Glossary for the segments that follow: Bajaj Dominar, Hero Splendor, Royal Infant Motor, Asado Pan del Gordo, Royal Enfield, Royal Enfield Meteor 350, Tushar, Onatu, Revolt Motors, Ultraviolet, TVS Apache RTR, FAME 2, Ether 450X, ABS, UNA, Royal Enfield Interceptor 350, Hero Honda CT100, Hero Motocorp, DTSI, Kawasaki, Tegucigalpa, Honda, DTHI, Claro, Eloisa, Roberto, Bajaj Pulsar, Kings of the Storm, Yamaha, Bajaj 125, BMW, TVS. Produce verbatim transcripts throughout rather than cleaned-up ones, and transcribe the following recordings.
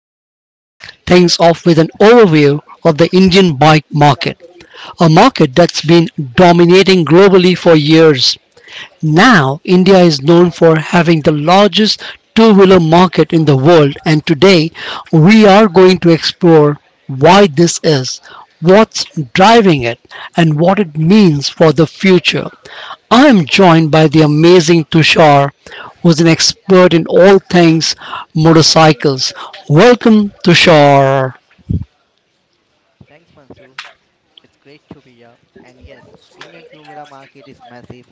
we are kicking things off with an overview of the Indian bike market, a market that's been dominating globally for years. Now, India is known for having the largest two wheeler market in the world, and today we are going to explore why this is, what's driving it, and what it means for the future. I am joined by the amazing Tushar, who's an expert in all things motorcycles. Welcome, Tushar. Thanks, Mansoor. It's great to be here. And yes, Indian two-wheeler market is massive.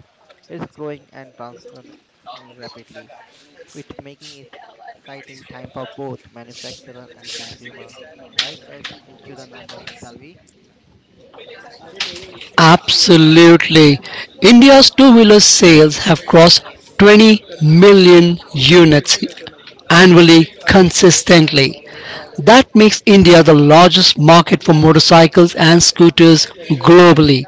It's growing and transforming rapidly, which making it exciting time for both manufacturer and consumer. Life dives into the number, shall we? Absolutely. India's two wheeler sales have crossed twenty million units annually consistently. That makes India the largest market for motorcycles and scooters globally.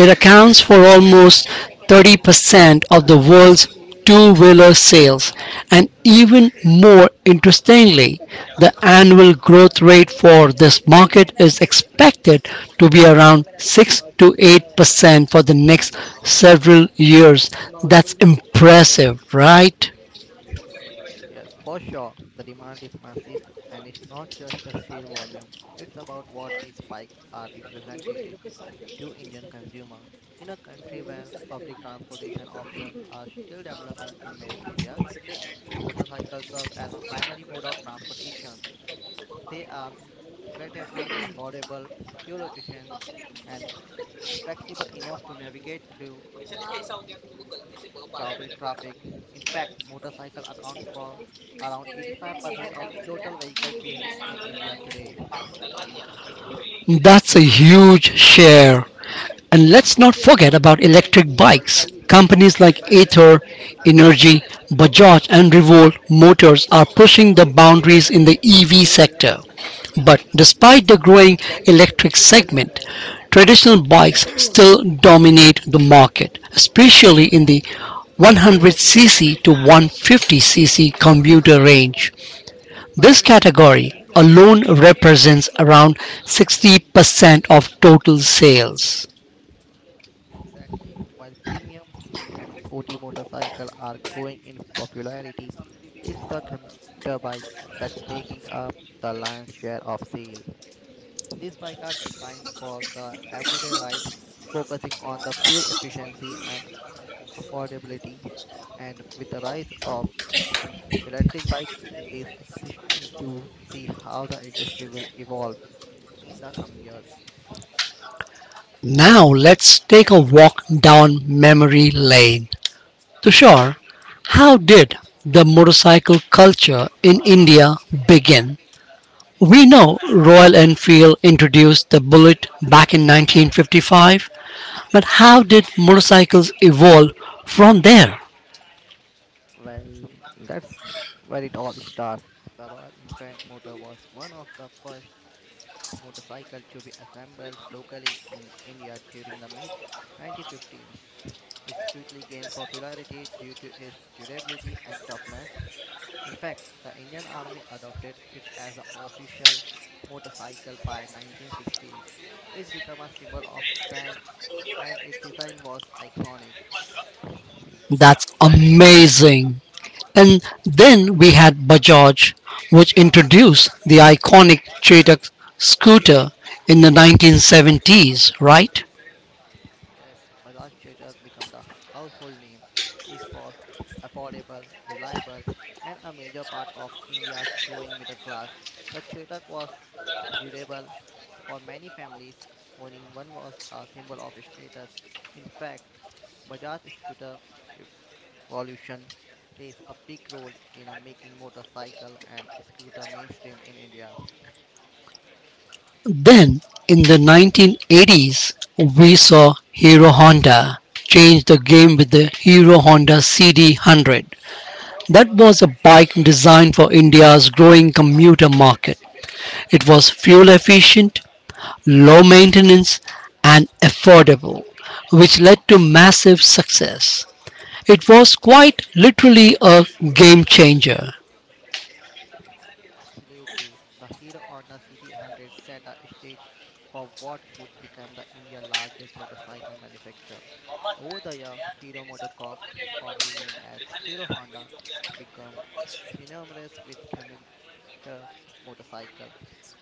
It accounts for almost thirty percent of the world's two-wheeler sales, and even more interestingly, the annual growth rate for this market is expected to be around six to eight percent for the next several years. That's impressive, right? Yes, for sure. The demand is massive, and it's not just the sheer volume. It's about what these bikes are represented to Indian consumer. In a country where public transportation options are still developing in many areas, motorcycles serve as a primary mode of transportation. They are incredibly affordable, fuel efficient, and flexible enough to navigate through crowded traffic. In fact, motorcycles account for around eighty-five percent of total vehicle sale in India today. That's a huge share And let's not forget about electric bikes. Companies like Ather Energy, Bajaj, and Revolt Motors are pushing the boundaries in the E V sector. But despite the growing electric segment, traditional bikes still dominate the market, especially in the one hundred c c to one hundred fifty c c commuter range. This category alone represents around sixty percent of total sales. Exactly. While premium and sporty motorcycles are growing in popularity, it's the commuter bike that's making up the lion's share of sales. These bikes are designed for the everyday ride, focusing on the fuel efficiency and affordability. And with the rise of electric bike, is exciting to see how the industry will evolve in the coming years. Now let's take a walk down memory lane. Tushar, how did the motorcycle culture in India begin? We know Royal Enfield introduced the bullet back in nineteen fifty-five, but how did motorcycles evolve from there? Well, that's where it all starts. The Royal Infant Motor was one of the first motorcycle to be assembled locally in India during the mid nineteen fifteens. It quickly gained popularity due to its durability and toughness. In fact, the Indian Army adopted it as an official motorcycle by nineteen sixties. It became a symbol of strength and its design was iconic. That's amazing. And then we had Bajaj, which introduced the iconic Chetak scooter in the nineteen seventies, right? Yes, Bajaj Chetak became the household name. It was affordable, reliable, and a major part of India's growing middle class. The Chetak was durable for many families. Owning one was a symbol of status. In fact, Bajaj scooter revolution plays a big role in uh, making motorcycle and scooter mainstream in India. Then, in the nineteen eighties, we saw Hero Honda change the game with the Hero Honda C D one hundred. That was a bike designed for India's growing commuter market. It was fuel efficient, low maintenance, and affordable, which led to massive success. It was quite literally a game changer. Absolutely. The Hero Honda C T one hundred set a stage for what would become the India's largest motorcycle manufacturer. Over the year, Hero Motor Corp, formerly named as Hero Honda, became synonymous with commuter motorcycle.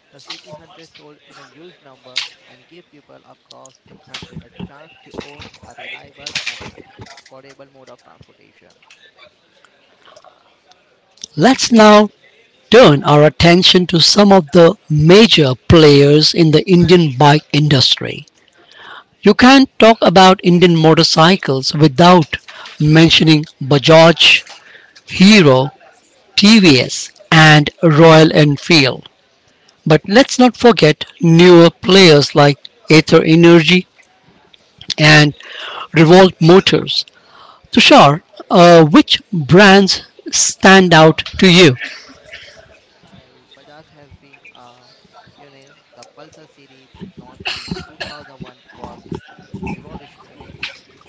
The C T one hundred sold in a huge number and gave people across the country the chance to own a reliable and affordable mode of transportation. Let's now turn our attention to some of the major players in the Indian bike industry. You can't talk about Indian motorcycles without mentioning Bajaj, Hero, T V S, and Royal Enfield. But let's not forget newer players like Aether Energy and Revolt Motors. Tushar, uh, which brands stand out to you? Well, Bajaj has been a pioneer. The Pulsar series, launched in two thousand one, was revolutionary.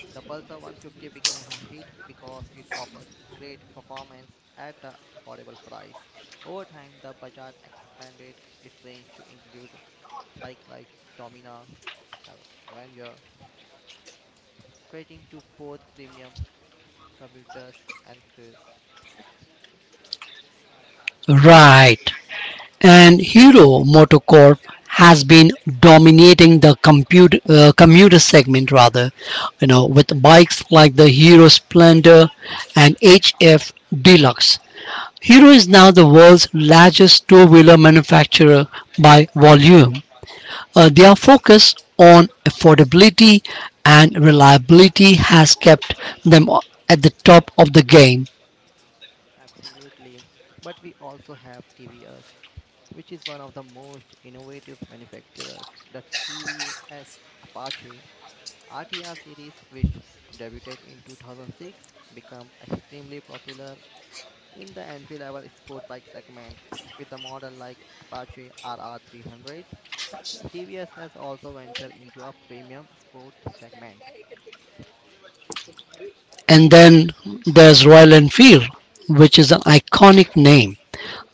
The Pulsar one fifty became a hit because it offered great performance at the affordable price. Over time, the Bajaj expanded its range to include bikes like Domina, Avenger, catering to both premium commuters and crews. Right. and Hero Motocorp has been dominating the compute, uh, commuter segment rather, you know, with bikes like the Hero Splendor and H F Deluxe. Hero is now the world's largest two-wheeler manufacturer by volume. Uh, their focus on affordability and reliability has kept them at the top of the game. Absolutely, but we also have T V S, which is one of the most innovative manufacturers. The T V S Apache R T R series, which debuted in two thousand six, became extremely popular in the entry-level sport bike segment with the model like Apache R R three hundred. T V S has also ventured into a premium sport segment. And then there's Royal Enfield, which is an iconic name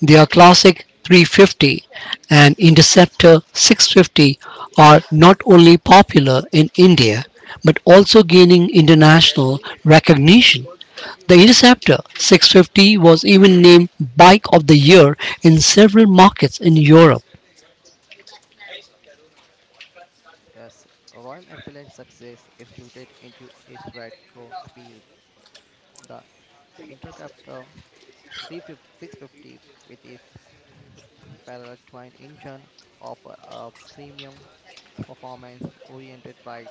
Their classic three fifty and Interceptor six fifty are not only popular in India but also gaining international recognition. The Interceptor six fifty was even named Bike of the Year in several markets in Europe. Yes, Royal Enfield's success is rooted into its retro appeals. The Interceptor three fifty with its parallel twin engine offer a premium performance oriented ride,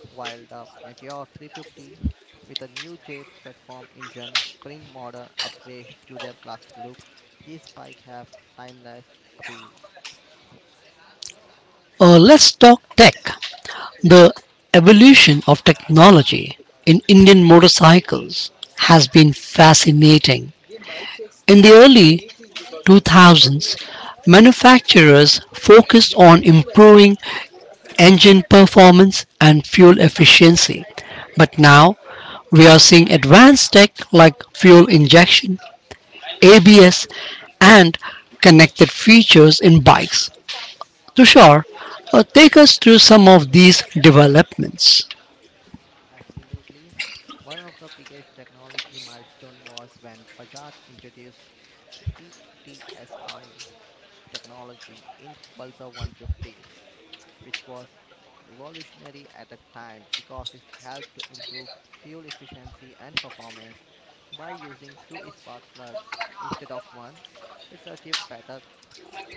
while the Meteor three fifty with a new J platform engine bring modern upgrades to their classic look. These bikes have timeless appeal. Uh, let's talk tech. The evolution of technology in Indian motorcycles has been fascinating. In the early two thousands, manufacturers focused on improving engine performance and fuel efficiency. But now we are seeing advanced tech like fuel injection, A B S, and connected features in bikes. Tushar, uh, take us through some of these developments. Absolutely. One of the biggest technology milestone was when Bajaj introduced T T S I technology in Pulsar one fifty, which was revolutionary at the time because it helped to improve fuel efficiency and performance by using two spark plugs instead of one. It's achieved better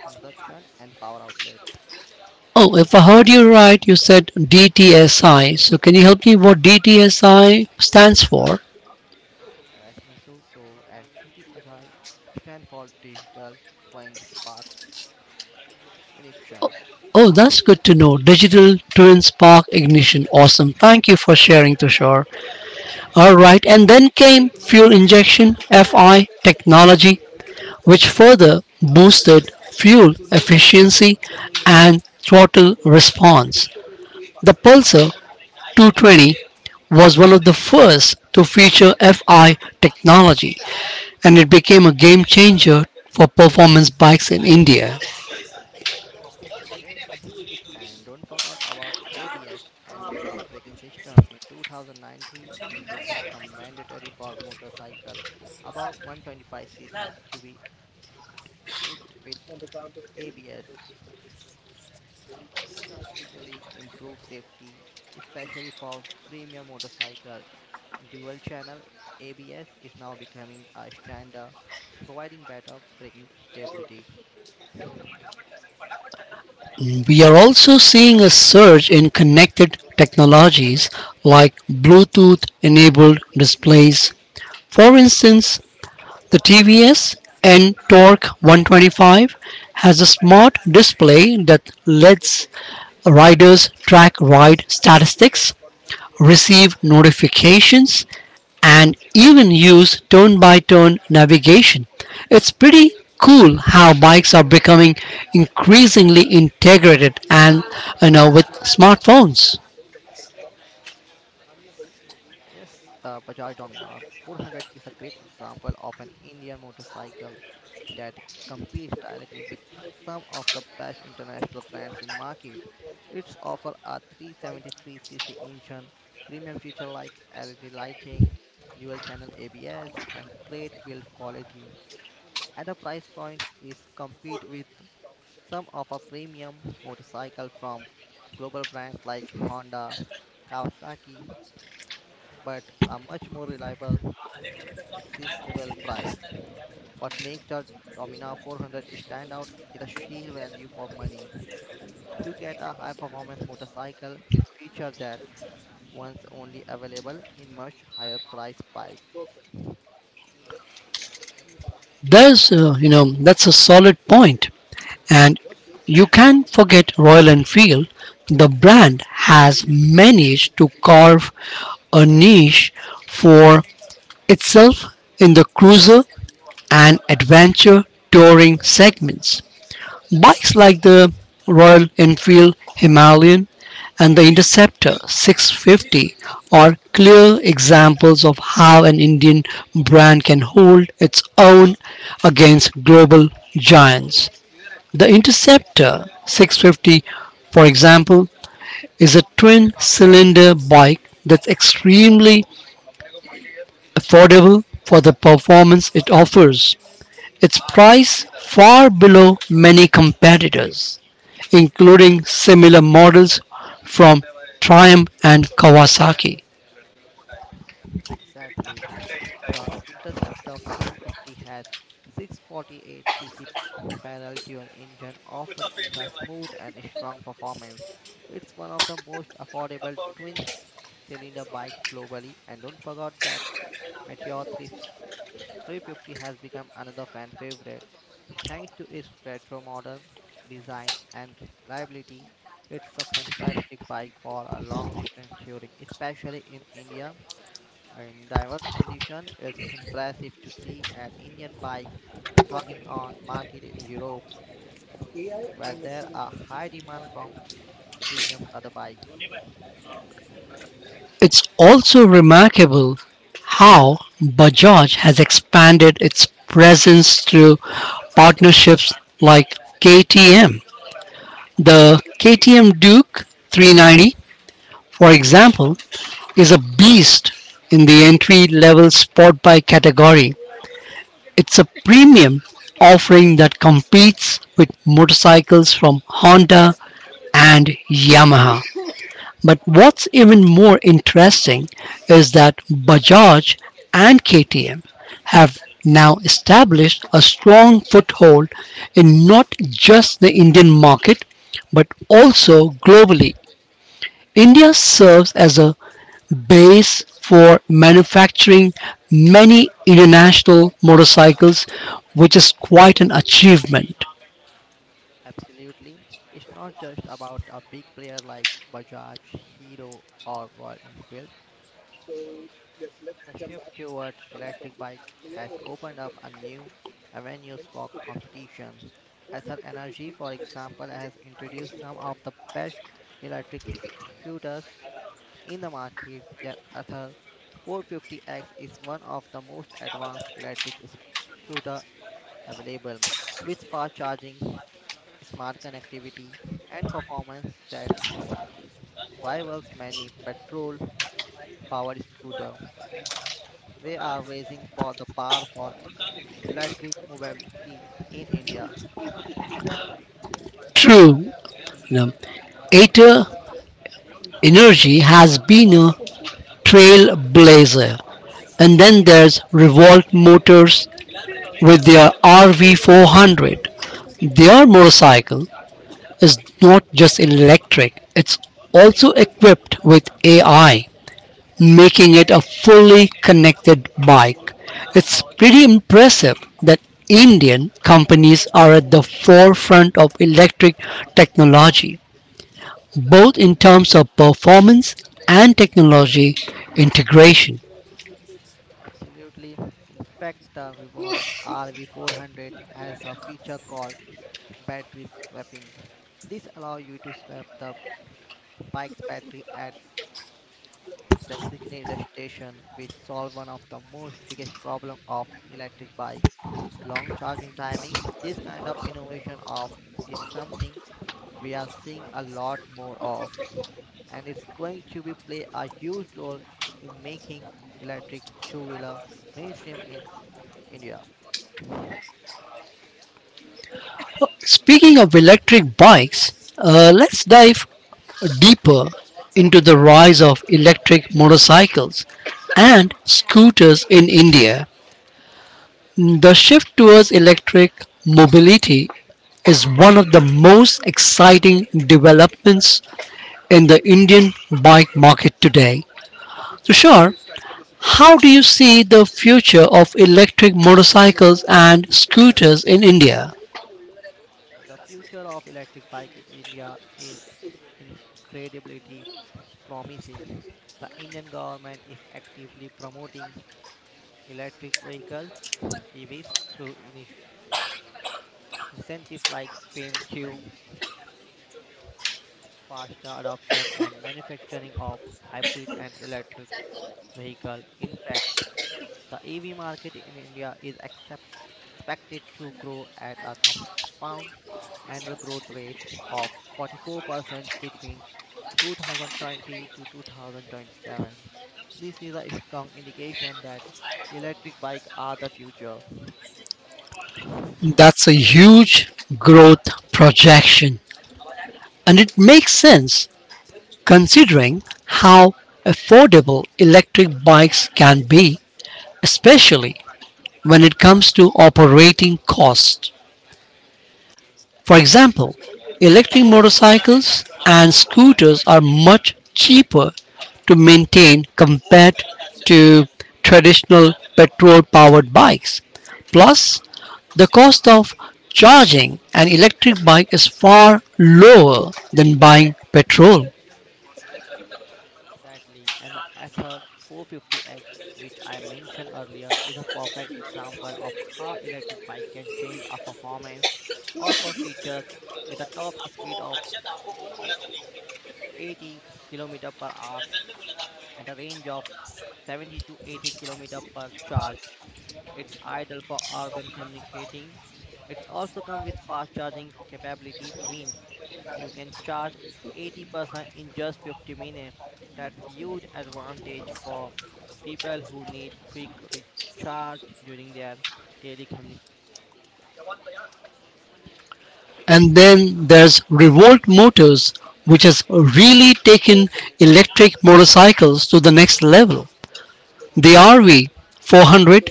consumption and power outlet. Oh, if I heard you right, you said D T S I. So, can you help me what D T S I stands for? As Mansoor, so as D T H I stand for Digital Twin Spark Ignition. Oh, that's good to know. Digital twin spark ignition. Awesome. Thank you for sharing, Tushar. All right. And then came fuel injection F I technology, which further boosted fuel efficiency and throttle response. The Pulsar two twenty was one of the first to feature F I technology, and it became a game changer for performance bikes in India. Yes, and don't forget about A B S anti-lock braking system. In twenty nineteen, it became a mandatory for motorcycle above one twenty-five c c to be equipped with A B S. This drastically improves safety, especially for premium motorcycle. Dual-channel A B S is now becoming a standard, providing better braking stability. We are also seeing a surge in connected technologies like Bluetooth enabled displays. For instance, the T V S N Torque one twenty-five has a smart display that lets riders track ride statistics, receive notifications, and even use turn by turn navigation. It's pretty cool how bikes are becoming increasingly integrated and you know with smartphones. Yes, the Bajaj Dominar four hundred is a great example of an Indian motorcycle that competes directly with some of the best international brands in market. Its offer a three seventy-three c c engine, premium feature like L E D lighting, dual channel A B S, and great build quality. At a price point is compete with some of our premium motorcycle from global brands like Honda, Kawasaki, but a much more reliable, accessible price. What makes the Domina four hundred stand out is the sheer value for money. You get a high performance motorcycle with features that once only available in much higher price bikes. There's uh, you know that's a solid point point. and you can't forget Royal Enfield. The brand has managed to carve a niche for itself in the cruiser and adventure touring segments. Bikes like the Royal Enfield Himalayan and the Interceptor six fifty are clear examples of how an Indian brand can hold its own against global giants. The Interceptor six fifty, for example, is a twin cylinder bike that's extremely affordable for the performance it offers. its price far below many competitors, including similar models from Triumph and Kawasaki. Exactly. The Interceptor three fifty has six forty-eight c c parallel dual engine offering a smooth and strong performance. It's one of the most affordable twin cylinder bike globally and don't forget that Meteor three, three fifty has become another fan favorite. Thanks to its retro model design and reliability, it's a fantastic bike for a long distance touring, especially in India. In diverse condition, it's impressive to see an Indian bike talking on market in Europe, where there are high demand from premium other bikes. It's also remarkable how Bajaj has expanded its presence through partnerships like K T M. The K T M Duke three ninety, for example, is a beast in the entry level sport bike category It's a premium offering that competes with motorcycles from Honda and Yamaha. But what's even more interesting is that Bajaj and K T M have now established a strong foothold in not just the Indian market but also globally. India serves as a base for manufacturing many international motorcycles, which is quite an achievement. Absolutely. It's not just about a big player like Bajaj, Hero, or Royal Enfield. The shift toward electric bike has opened up a new avenues for competition. Ether Energy, for example, has introduced some of the best electric scooters in the market. Their Ether four fifty X is one of the most advanced electric scooter available, with fast charging, smart connectivity, and performance that rivals many petrol-powered scooter. They are raising for the bar for electric mobility in India. True, you know, Aether Energy has been a trailblazer. And then there's Revolt Motors with their R V four hundred. Their motorcycle is not just electric, it's also equipped with A I, making it a fully connected bike. It's pretty impressive that Indian companies are at the forefront of electric technology, both in terms of performance and technology integration. Absolutely. In fact, the Revolt R V four hundred has a feature called battery swapping. This allows you to swap the bike's battery at the designated station, which solves one of the most biggest problem of electric bikes, long charging timing. This kind of innovation of is something we are seeing a lot more of, and it's going to be play a huge role in making electric two-wheeler mainstream in India. Speaking of electric bikes, uh, let's dive deeper into the rise of electric motorcycles and scooters in India. The shift towards electric mobility is one of the most exciting developments in the Indian bike market today. Tushar, how do you see the future of electric motorcycles and scooters in India? Uh, The future of electric bike in India is incredibly promising. The Indian government is actively promoting electric vehicles E Vs through initi- incentives like FAME two, faster adoption and manufacturing of hybrid and electric vehicle. In fact, the E V market in India is accept, expected to grow at a compound annual growth rate of forty-four percent between two thousand twenty to two thousand twenty-seven. This is a strong indication that electric bikes are the future. That's a huge growth projection, and it makes sense considering how affordable electric bikes can be, especially when it comes to operating costs. For example, electric motorcycles and scooters are much cheaper to maintain compared to traditional petrol powered bikes. Plus, the cost of charging an electric bike is far lower than buying petrol. Exactly, and the Ether four fifty X, which I mentioned earlier, is a perfect example of how electric bike can change a performance of a features with a top speed of e- eighty kilometers per hour and a range of seventy to eighty kilometers per charge. It's ideal for urban communicating. It's also come with fast charging capability means you can charge eighty percent in just fifty minutes. That's huge advantage for people who need quick recharge during their daily communication. And then there's Revolt Motors, which has really taken electric motorcycles to the next level. The R V four hundred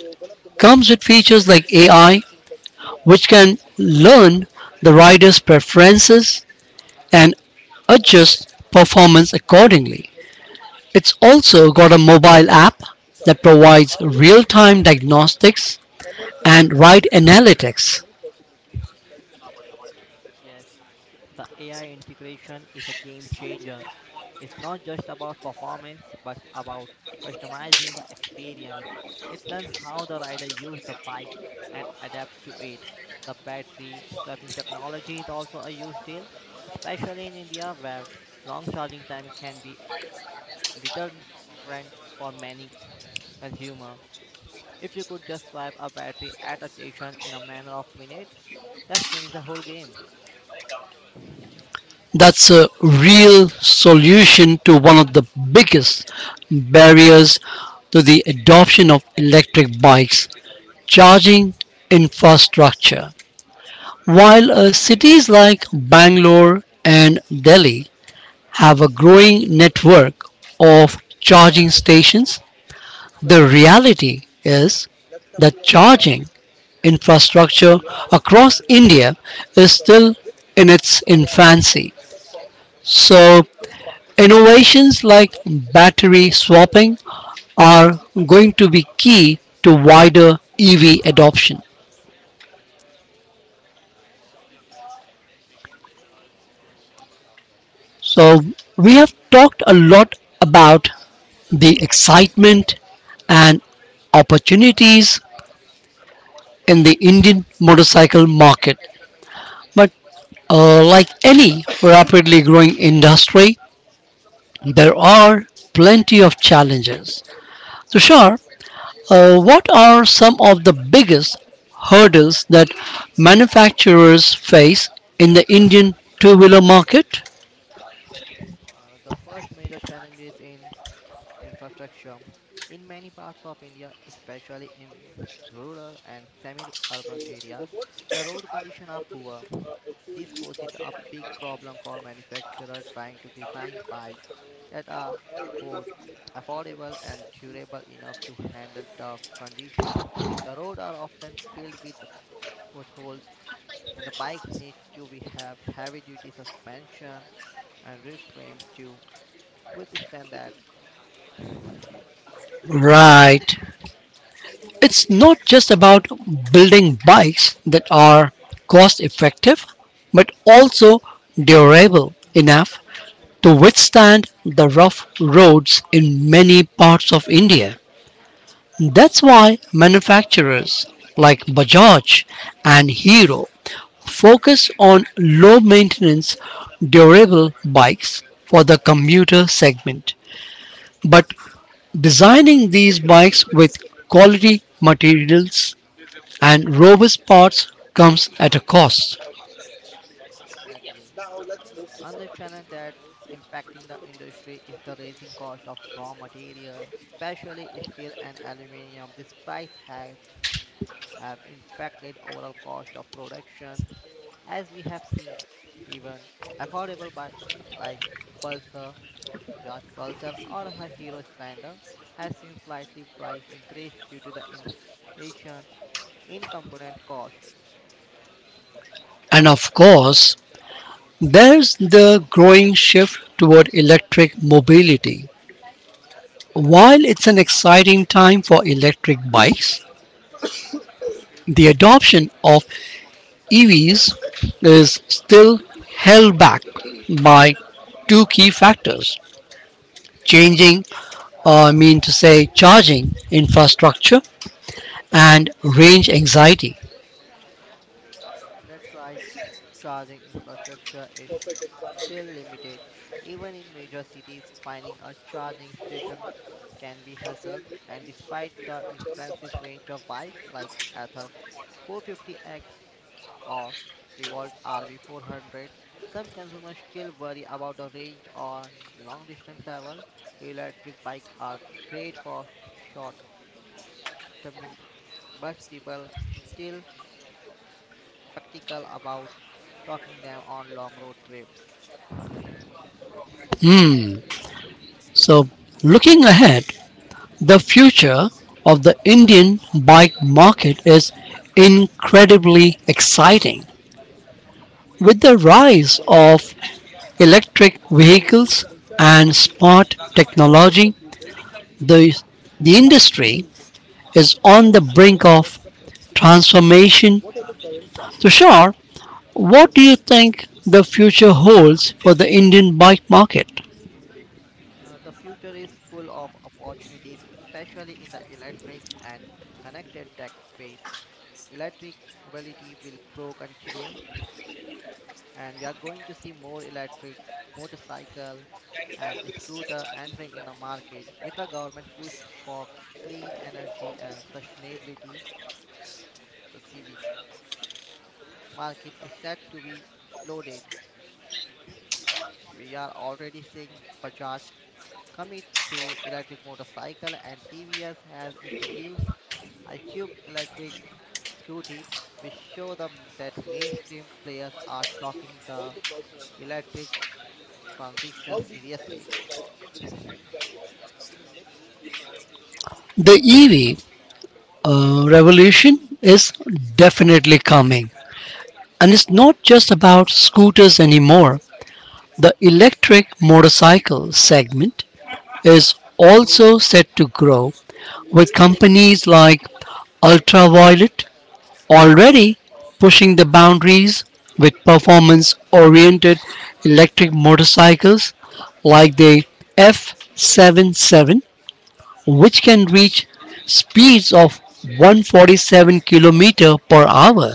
comes with features like A I, which can learn the rider's preferences and adjust performance accordingly. It's also got a mobile app that provides real time diagnostics and ride analytics. Yes, the A I integration is a game changer. It's not just about performance, but it's about customizing the experience. It learns how the rider uses the bike and adapt to it. The battery swapping technology is also a huge deal, especially in India where long charging time can be deterrent for many consumers. If you could just swap a battery at a station in a matter of minutes, that's changed the whole game. That's a real solution to one of the biggest barriers to the adoption of electric bikes charging infrastructure. While uh, cities like Bangalore and Delhi have a growing network of charging stations, the reality is that charging infrastructure across India is still in its infancy. So, innovations like battery swapping are going to be key to wider E V adoption. So, we have talked a lot about the excitement and opportunities in the Indian motorcycle market. But uh, like any rapidly growing industry, there are plenty of challenges. Tushar, uh, what are some of the biggest hurdles that manufacturers face in the Indian two wheeler market? Uh, the first major challenge is in infrastructure in many parts of India, especially in rural and semi-urban areas, the road conditions are poor. This poses a big problem for manufacturers trying to design bikes that are both affordable and durable enough to handle tough conditions. The roads are often filled with potholes and the bike needs to be have heavy duty suspension and rear frame to withstand that. Right. it's not just about building bikes that are cost effective, but also durable enough to withstand the rough roads in many parts of India. That's why manufacturers like Bajaj and Hero focus on low maintenance, durable bikes for the commuter segment, but designing these bikes with quality materials and robust parts comes at a cost. Exactly. Another challenge that impacting the industry is the rising cost of raw material, especially steel and aluminum. These price have, have impacted overall cost of production. As we have seen, even affordable by like Pulsar, Bajaj Pulsar or her Hero Splendor has seen slightly price increase due to the inflation in component cost. And of course, there's the growing shift toward electric mobility. While it's an exciting time for electric bikes, the adoption of E Vs is still held back by two key factors, changing, uh, I mean to say, charging infrastructure and range anxiety. That's why charging infrastructure is still limited. Even in major cities, finding a charging station can be hassle. And despite the impressive range of bike like Ather four fifty X or Revolt R V four hundred, some consumers still worry about the range on long distance travel. Electric bikes are great for short commutes, but people still practical about taking them on long road trips. Hmm. So, looking ahead, The future of the Indian bike market is incredibly exciting. With the rise of electric vehicles and smart technology, the, the industry is on the brink of transformation. Tushar, what do you think the future holds for the Indian bike market? Uh, the future is full of opportunities, especially in the electric and connected tech space. Electric mobility will grow continue, and we are going to see more electric motorcycle and scooter entering in the market with the government push for clean energy and sustainability. The C V market is set to be exploded. We are already seeing Bajaj commit to electric motorcycle and T V S has introduced iCube Electric Scooty, which show them that mainstream players are talking the electric transition seriously. The E V uh, revolution is definitely coming, and it's not just about scooters anymore. The electric motorcycle segment is also set to grow, with companies like Ultraviolet already pushing the boundaries with performance oriented electric motorcycles like the F seventy-seven, which can reach speeds of one hundred forty-seven kilometers per hour.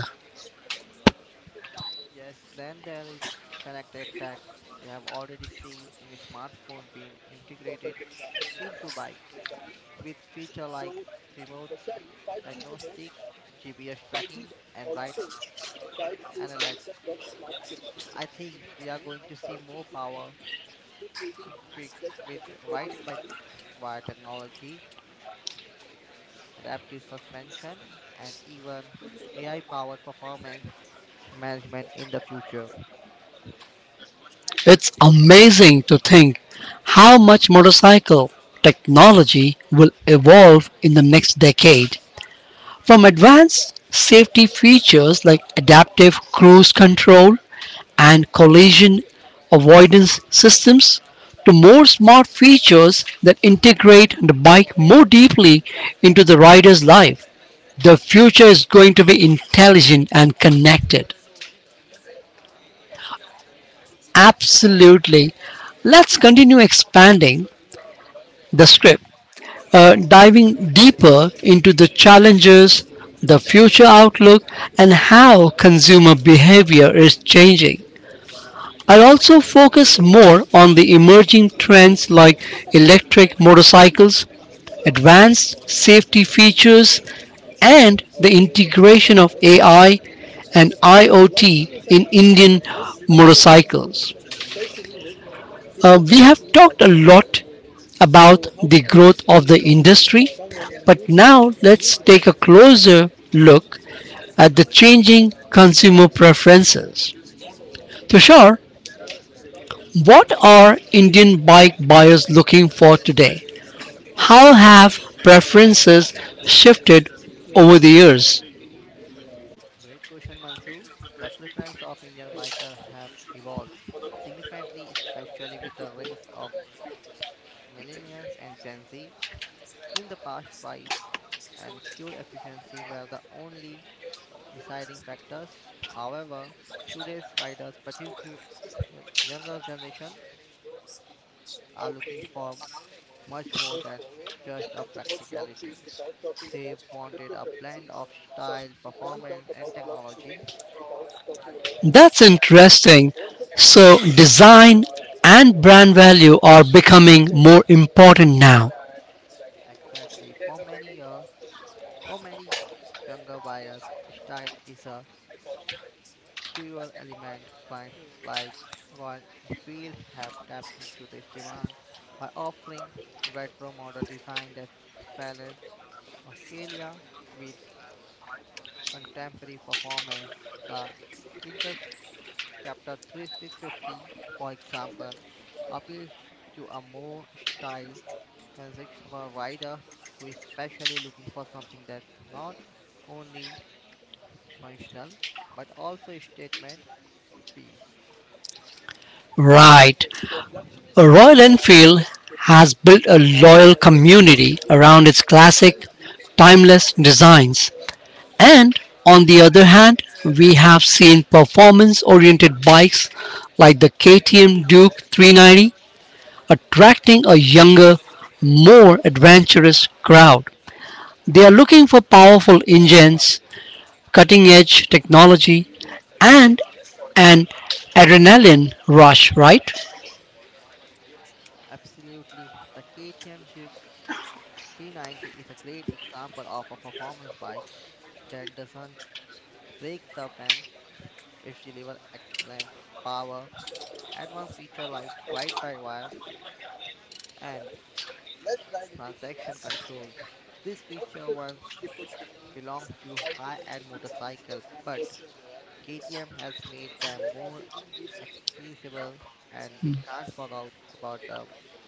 Yes, then there is connected tech. We have already seen in a smartphone being integrated into bike with feature like remote diagnostic, G P S tracking, and ride analytics. I think we are going to see more power equipped with ride by wire technology adaptive suspension, and even A I powered performance management in the future? It's amazing to think how much motorcycle technology will evolve in the next decade. From advanced safety features like adaptive cruise control and collision avoidance systems to more smart features that integrate the bike more deeply into the rider's life. The future is going to be intelligent and connected. Absolutely. Let's continue expanding the script, uh, diving deeper into the challenges, the future outlook, and how consumer behavior is changing. I'll also focus more on the emerging trends like electric motorcycles, advanced safety features, and the integration of A I and I o T in Indian motorcycles. Uh, we have talked a lot about the growth of the industry, but now let's take a closer look at the changing consumer preferences. Tushar, what are Indian bike buyers looking for today? How have preferences shifted over the years? Great question, Mansoor. The preference of Indian biker have evolved significantly, especially with the rise of millennials and Gen Z. In the past, price and fuel efficiency were the only deciding factors. However, today's riders, particularly younger generation, are looking for much more than just a practicality. They've wanted a blend of style, performance, and technology. That's interesting. So, design and brand value are becoming more important now. Exactly. For many years, for many younger buyers, style is a cruel element. Brands like Royal Enfield have tapped into this demand by offering retro model design that balance Australia with contemporary performance. The Interceptor thirty-six fifty, for example, appeals to a more style and section for a rider who is specially looking for something that's not only functional but also a statement piece. Right. Royal Enfield has built a loyal community around its classic, timeless designs. And on the other hand, we have seen performance oriented bikes like the K T M Duke three ninety attracting a younger, more adventurous crowd. They are looking for powerful engines, cutting edge technology, and an adrenaline rush, right? Absolutely, the K T M Duke three ninety is a great example of a performance bike that doesn't break the bank. It delivers excellent power, advanced feature like ride by wire and transaction control. This feature once belonged to high-end motorcycle, but K T M has made them more accessible, and we can't forget about the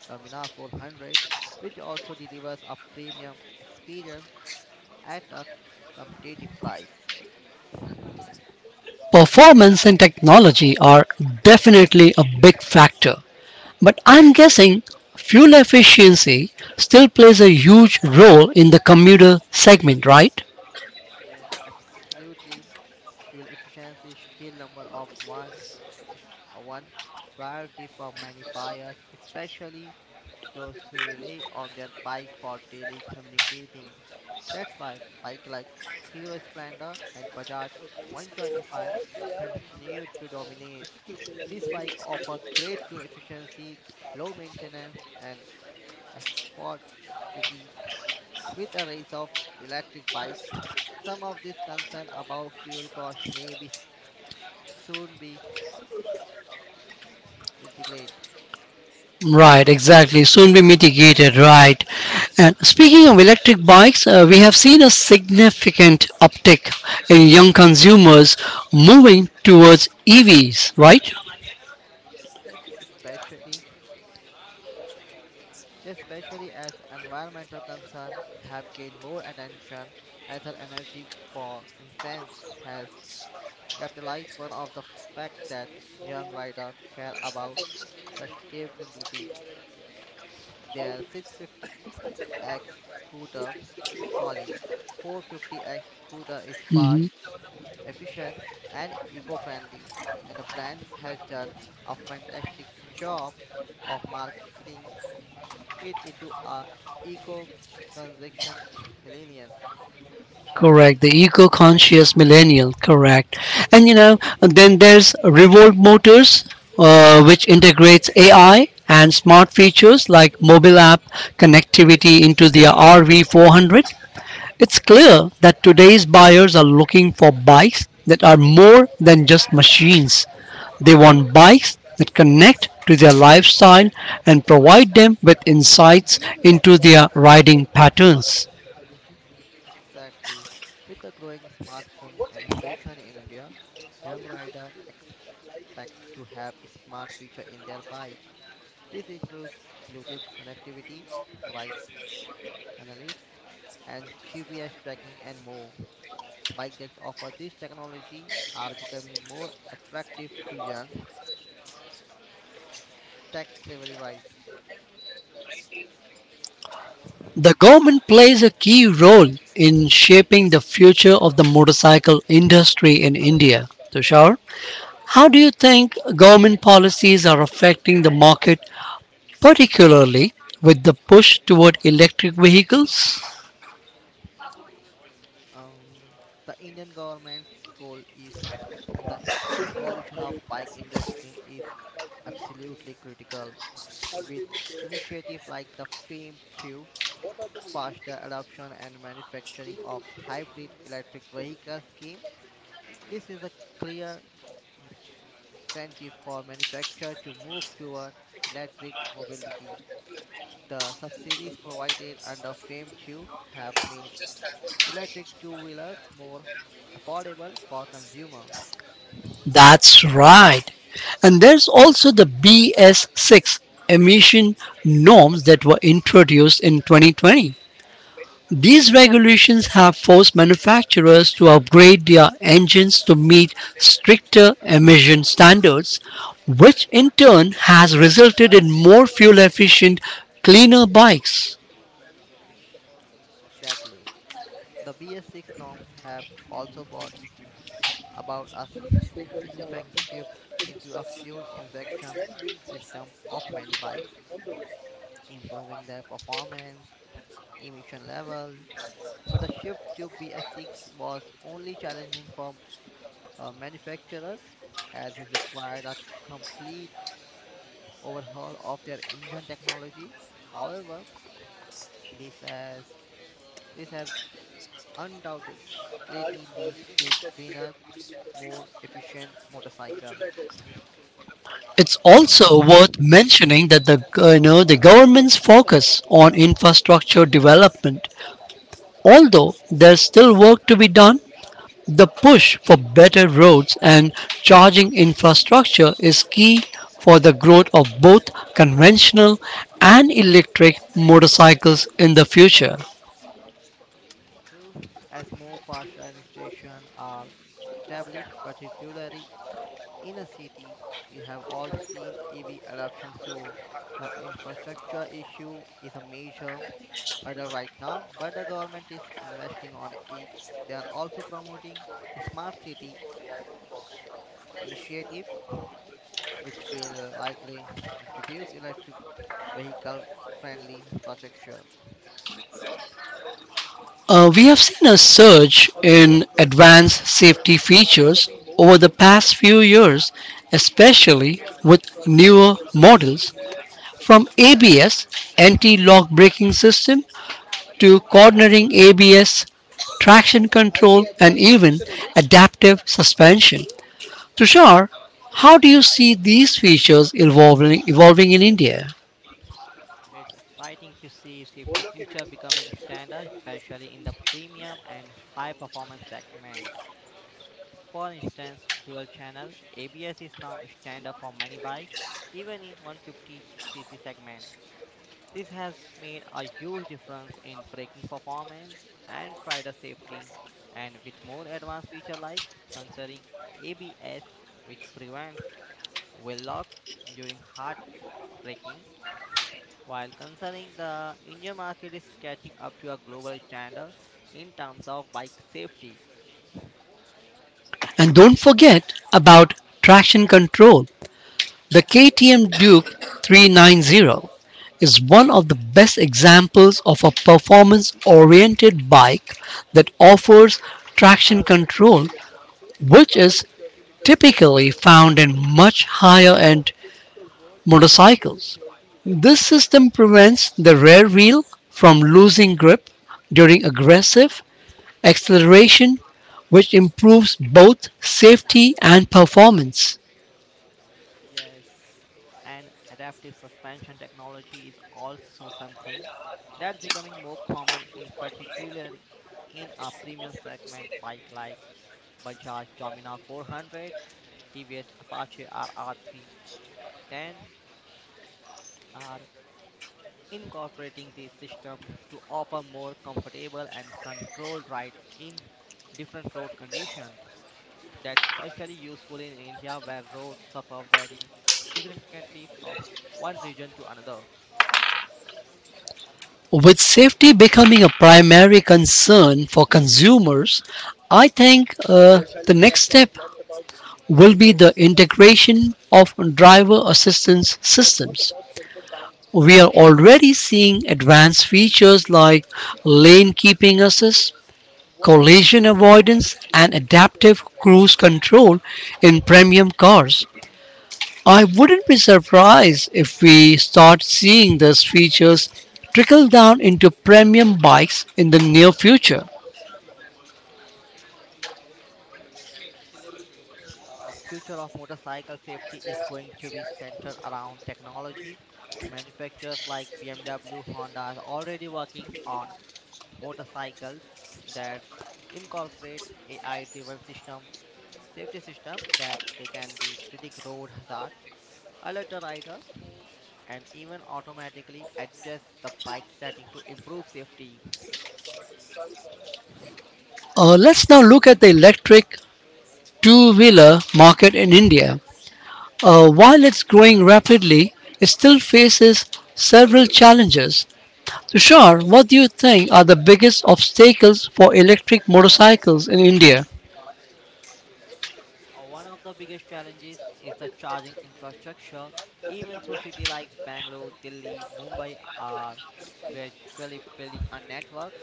Domina four hundred, which also delivers a premium experience at a competitive price. Performance and technology are definitely a big factor, but I'm guessing fuel efficiency still plays a huge role in the commuter segment, right? Yes, absolutely. Fuel efficiency is still number of one, is a one priority for many buyers, especially those who rely on their bike for daily communicating. That's why bike like Hero Splendor and Bajaj one twenty-five continue to dominate. These bikes offer great fuel efficiency, low maintenance, and affordability. With a rise of electric bikes, some of these concerns about fuel cost may be s- soon be mitigated. Right, exactly. Soon be mitigated, right? And speaking of electric bikes, uh, we have seen a significant uptick in young consumers moving towards E Vs, right? Yes, especially especially as environmental concerns have gained more attention, Ether Energy, for instance, has capitalized one of the fact that young riders care about sustainability. Their six fifty X scooter, sorry, the four fifty X scooter is fast, Mm-hmm. efficient, and eco-friendly, and the brand has done a fantastic job of marketing it into a eco-consumption millennium. Correct. The eco-conscious millennial. Correct. And you know, then there's Revolt Motors, uh, which integrates A I and smart features like mobile app connectivity into their R V four hundred. It's clear that today's buyers are looking for bikes that are more than just machines. They want bikes that connect to their lifestyle and provide them with insights into their riding patterns. Exactly. With the growing smartphone penetration in India, young riders expect to have a smart feature in their bike. This includes Bluetooth connectivity, right analytics, and G P S tracking, and more. Bike that offer this technology are becoming more attractive to young tech slavery right. The government plays a key role in shaping the future of the motorcycle industry in India. Tushar, how do you think government policies are affecting the market, particularly with the push toward electric vehicles? Um, the Indian government's role is in the evolution of bike industry is absolutely critical with initiative like the FAME two faster adoption and manufacturing of hybrid electric vehicle scheme, this is a clear incentive for manufacturers to move toward electric mobility. The subsidies provided under FAME two have made electric two-wheelers more affordable for consumers. That's right. And there's also the B S six emission norms that were introduced in twenty twenty. These regulations have forced manufacturers to upgrade their engines to meet stricter emission standards, which in turn has resulted in more fuel efficient, cleaner bikes. Exactly. The B S six norms have also brought about a significant shift into a fuel injection system of many bikes, improving their performance, emission level, but the shift to B S six was only challenging for Uh, manufacturers, as is required a complete overhaul of their engine technology. However, this has this has undoubtedly leads to greener, more efficient motorcycles. It's also worth mentioning that the uh, you know the government's focus on infrastructure development, although there's still work to be done. The push for better roads and charging infrastructure is key for the growth of both conventional and electric motorcycles in the future. True, as more fast charging stations are established, particularly in a city, we have all seen E V adoption. So, the infrastructure issue is a major Either right now, but the government is investing on it. They are also promoting smart city initiative, which will likely introduce electric vehicle friendly infrastructure. Uh, we have seen a surge in advanced safety features over the past few years, especially with newer models. From A B S, anti lock braking system, to cornering A B S, traction control, and even adaptive suspension. Tushar, how do you see these features evolving, evolving in India? It's exciting to see safety feature becoming standard, especially in the premium and high performance segment. For instance, dual channel A B S is now standard for many bikes, even in one fifty c c segment. This has made a huge difference in braking performance and rider safety. And with more advanced feature like considering A B S, which prevents wheel lock during hard braking, while concerning the Indian market is catching up to a global standard in terms of bike safety. And don't forget about traction control. The K T M Duke three ninety is one of the best examples of a performance oriented bike that offers traction control, which is typically found in much higher end motorcycles. This system prevents the rear wheel from losing grip during aggressive acceleration, which improves both safety and performance. Yes, and adaptive suspension technology is also something that's becoming more common in particular in a premium segment bike like Bajaj Domina four hundred, T V S Apache r RR310 are incorporating this system to offer more comfortable and controlled ride in different road conditions. That's especially useful in India where roads suffer very significantly from one region to another. With safety becoming a primary concern for consumers, I think uh, the next step will be the integration of driver assistance systems. We are already seeing advanced features like lane keeping assist, collision avoidance, and adaptive cruise control in premium cars. I wouldn't be surprised if we start seeing these features trickle down into premium bikes in the near future. Absolutely. The future of motorcycle safety is going to be centered around technology. Manufacturers like B M W, Honda are already working on motorcycles that incorporate A I-driven system, safety system that they can be predict road hazard, alert the rider, and even automatically adjust the bike setting to improve safety. Uh, let's now look at the electric two wheeler market in India. Uh, while it's growing rapidly, it still faces several challenges. Tushar, what do you think are the biggest obstacles for electric motorcycles in India? Uh, One of the biggest challenges is the charging infrastructure. Even through cities like Bangalore, Delhi, Mumbai are gradually building a network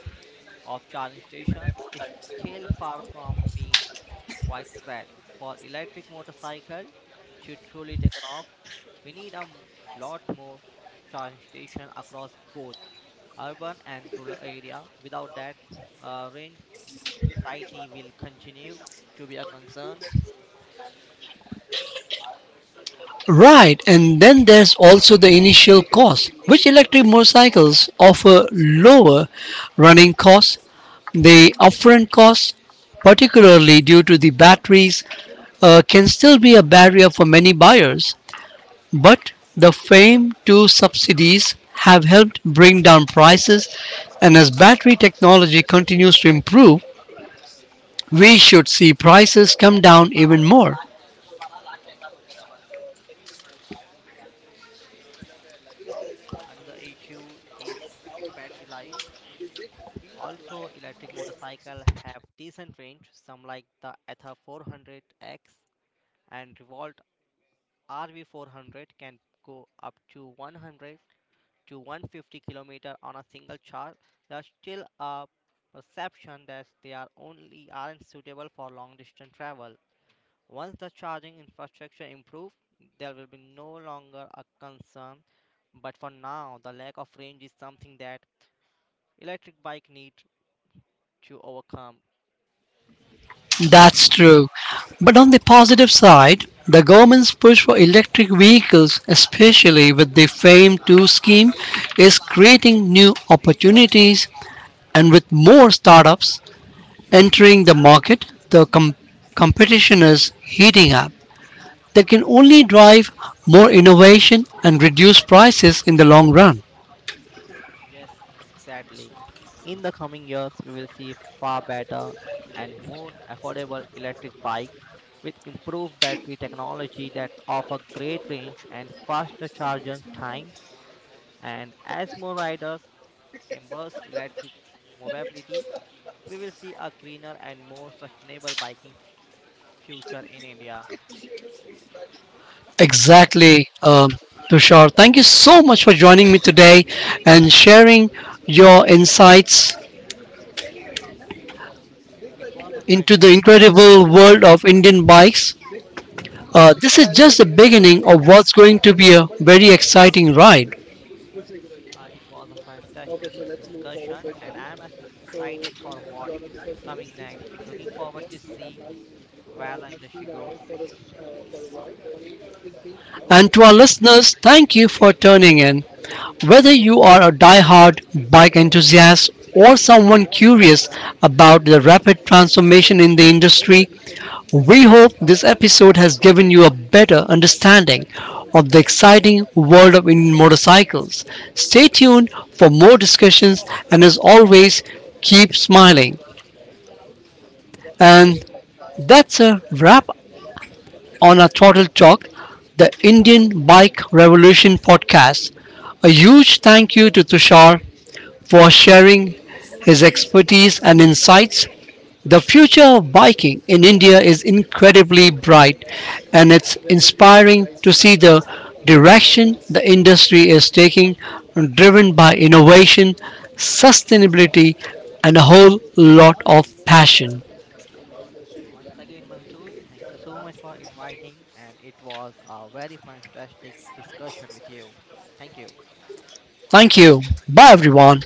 of charging stations, is still far from being widespread. For electric motorcycle to truly take off, we need a m- lot more charging station across both urban and rural area. Without that, uh, range anxiety will continue to be a concern. Right, and then there's also the initial cost, which electric motorcycles offer lower running costs. The upfront costs, particularly due to the batteries, uh, can still be a barrier for many buyers, but the FAME two subsidies have helped bring down prices, and as battery technology continues to improve, we should see prices come down even more. Another issue is battery life. Also, electric motorcycle have decent range. Some like the Ather four hundred X and Revolt R V four hundred can go up to one hundred to one hundred fifty kilometers on a single charge, there's still a perception that they are only aren't suitable for long distance travel. Once the charging infrastructure improves, there will be no longer a concern, but for now the lack of range is something that electric bike need to overcome. That's true. But on the positive side, the government's push for electric vehicles, especially with the FAME two scheme, is creating new opportunities. And with more startups entering the market, the com- competition is heating up. That can only drive more innovation and reduce prices in the long run. Yes, exactly. In the coming years, we will see far better and more affordable electric bike with improved battery technology that offer great range and faster charging times. And as more riders embrace electric mobility, we will see a greener and more sustainable biking f- future in India. Exactly. um, Tushar, thank you so much for joining me today and sharing your insights It was a into the fantastic incredible world of Indian bikes. Uh, this is just the beginning of what's going to be a very exciting ride. Uh, it was a fantastic discussion, and I'm excited for what coming next. Looking forward to see where the industry goes. And to our listeners, thank you for tuning in. Whether you are a die-hard bike enthusiast or someone curious about the rapid transformation in the industry, we hope this episode has given you a better understanding of the exciting world of Indian motorcycles. Stay tuned for more discussions, and as always, keep smiling. And that's a wrap on our Throttle Talk, the Indian Bike Revolution podcast. A huge thank you to Tushar for sharing his expertise and insights. The future of biking in India is incredibly bright, and it's inspiring to see the direction the industry is taking, driven by innovation, sustainability, and a whole lot of passion. Once again, Mansoor, thank you so much for inviting, and it was a very fantastic discussion with you. Thank you. Thank you. Bye, everyone.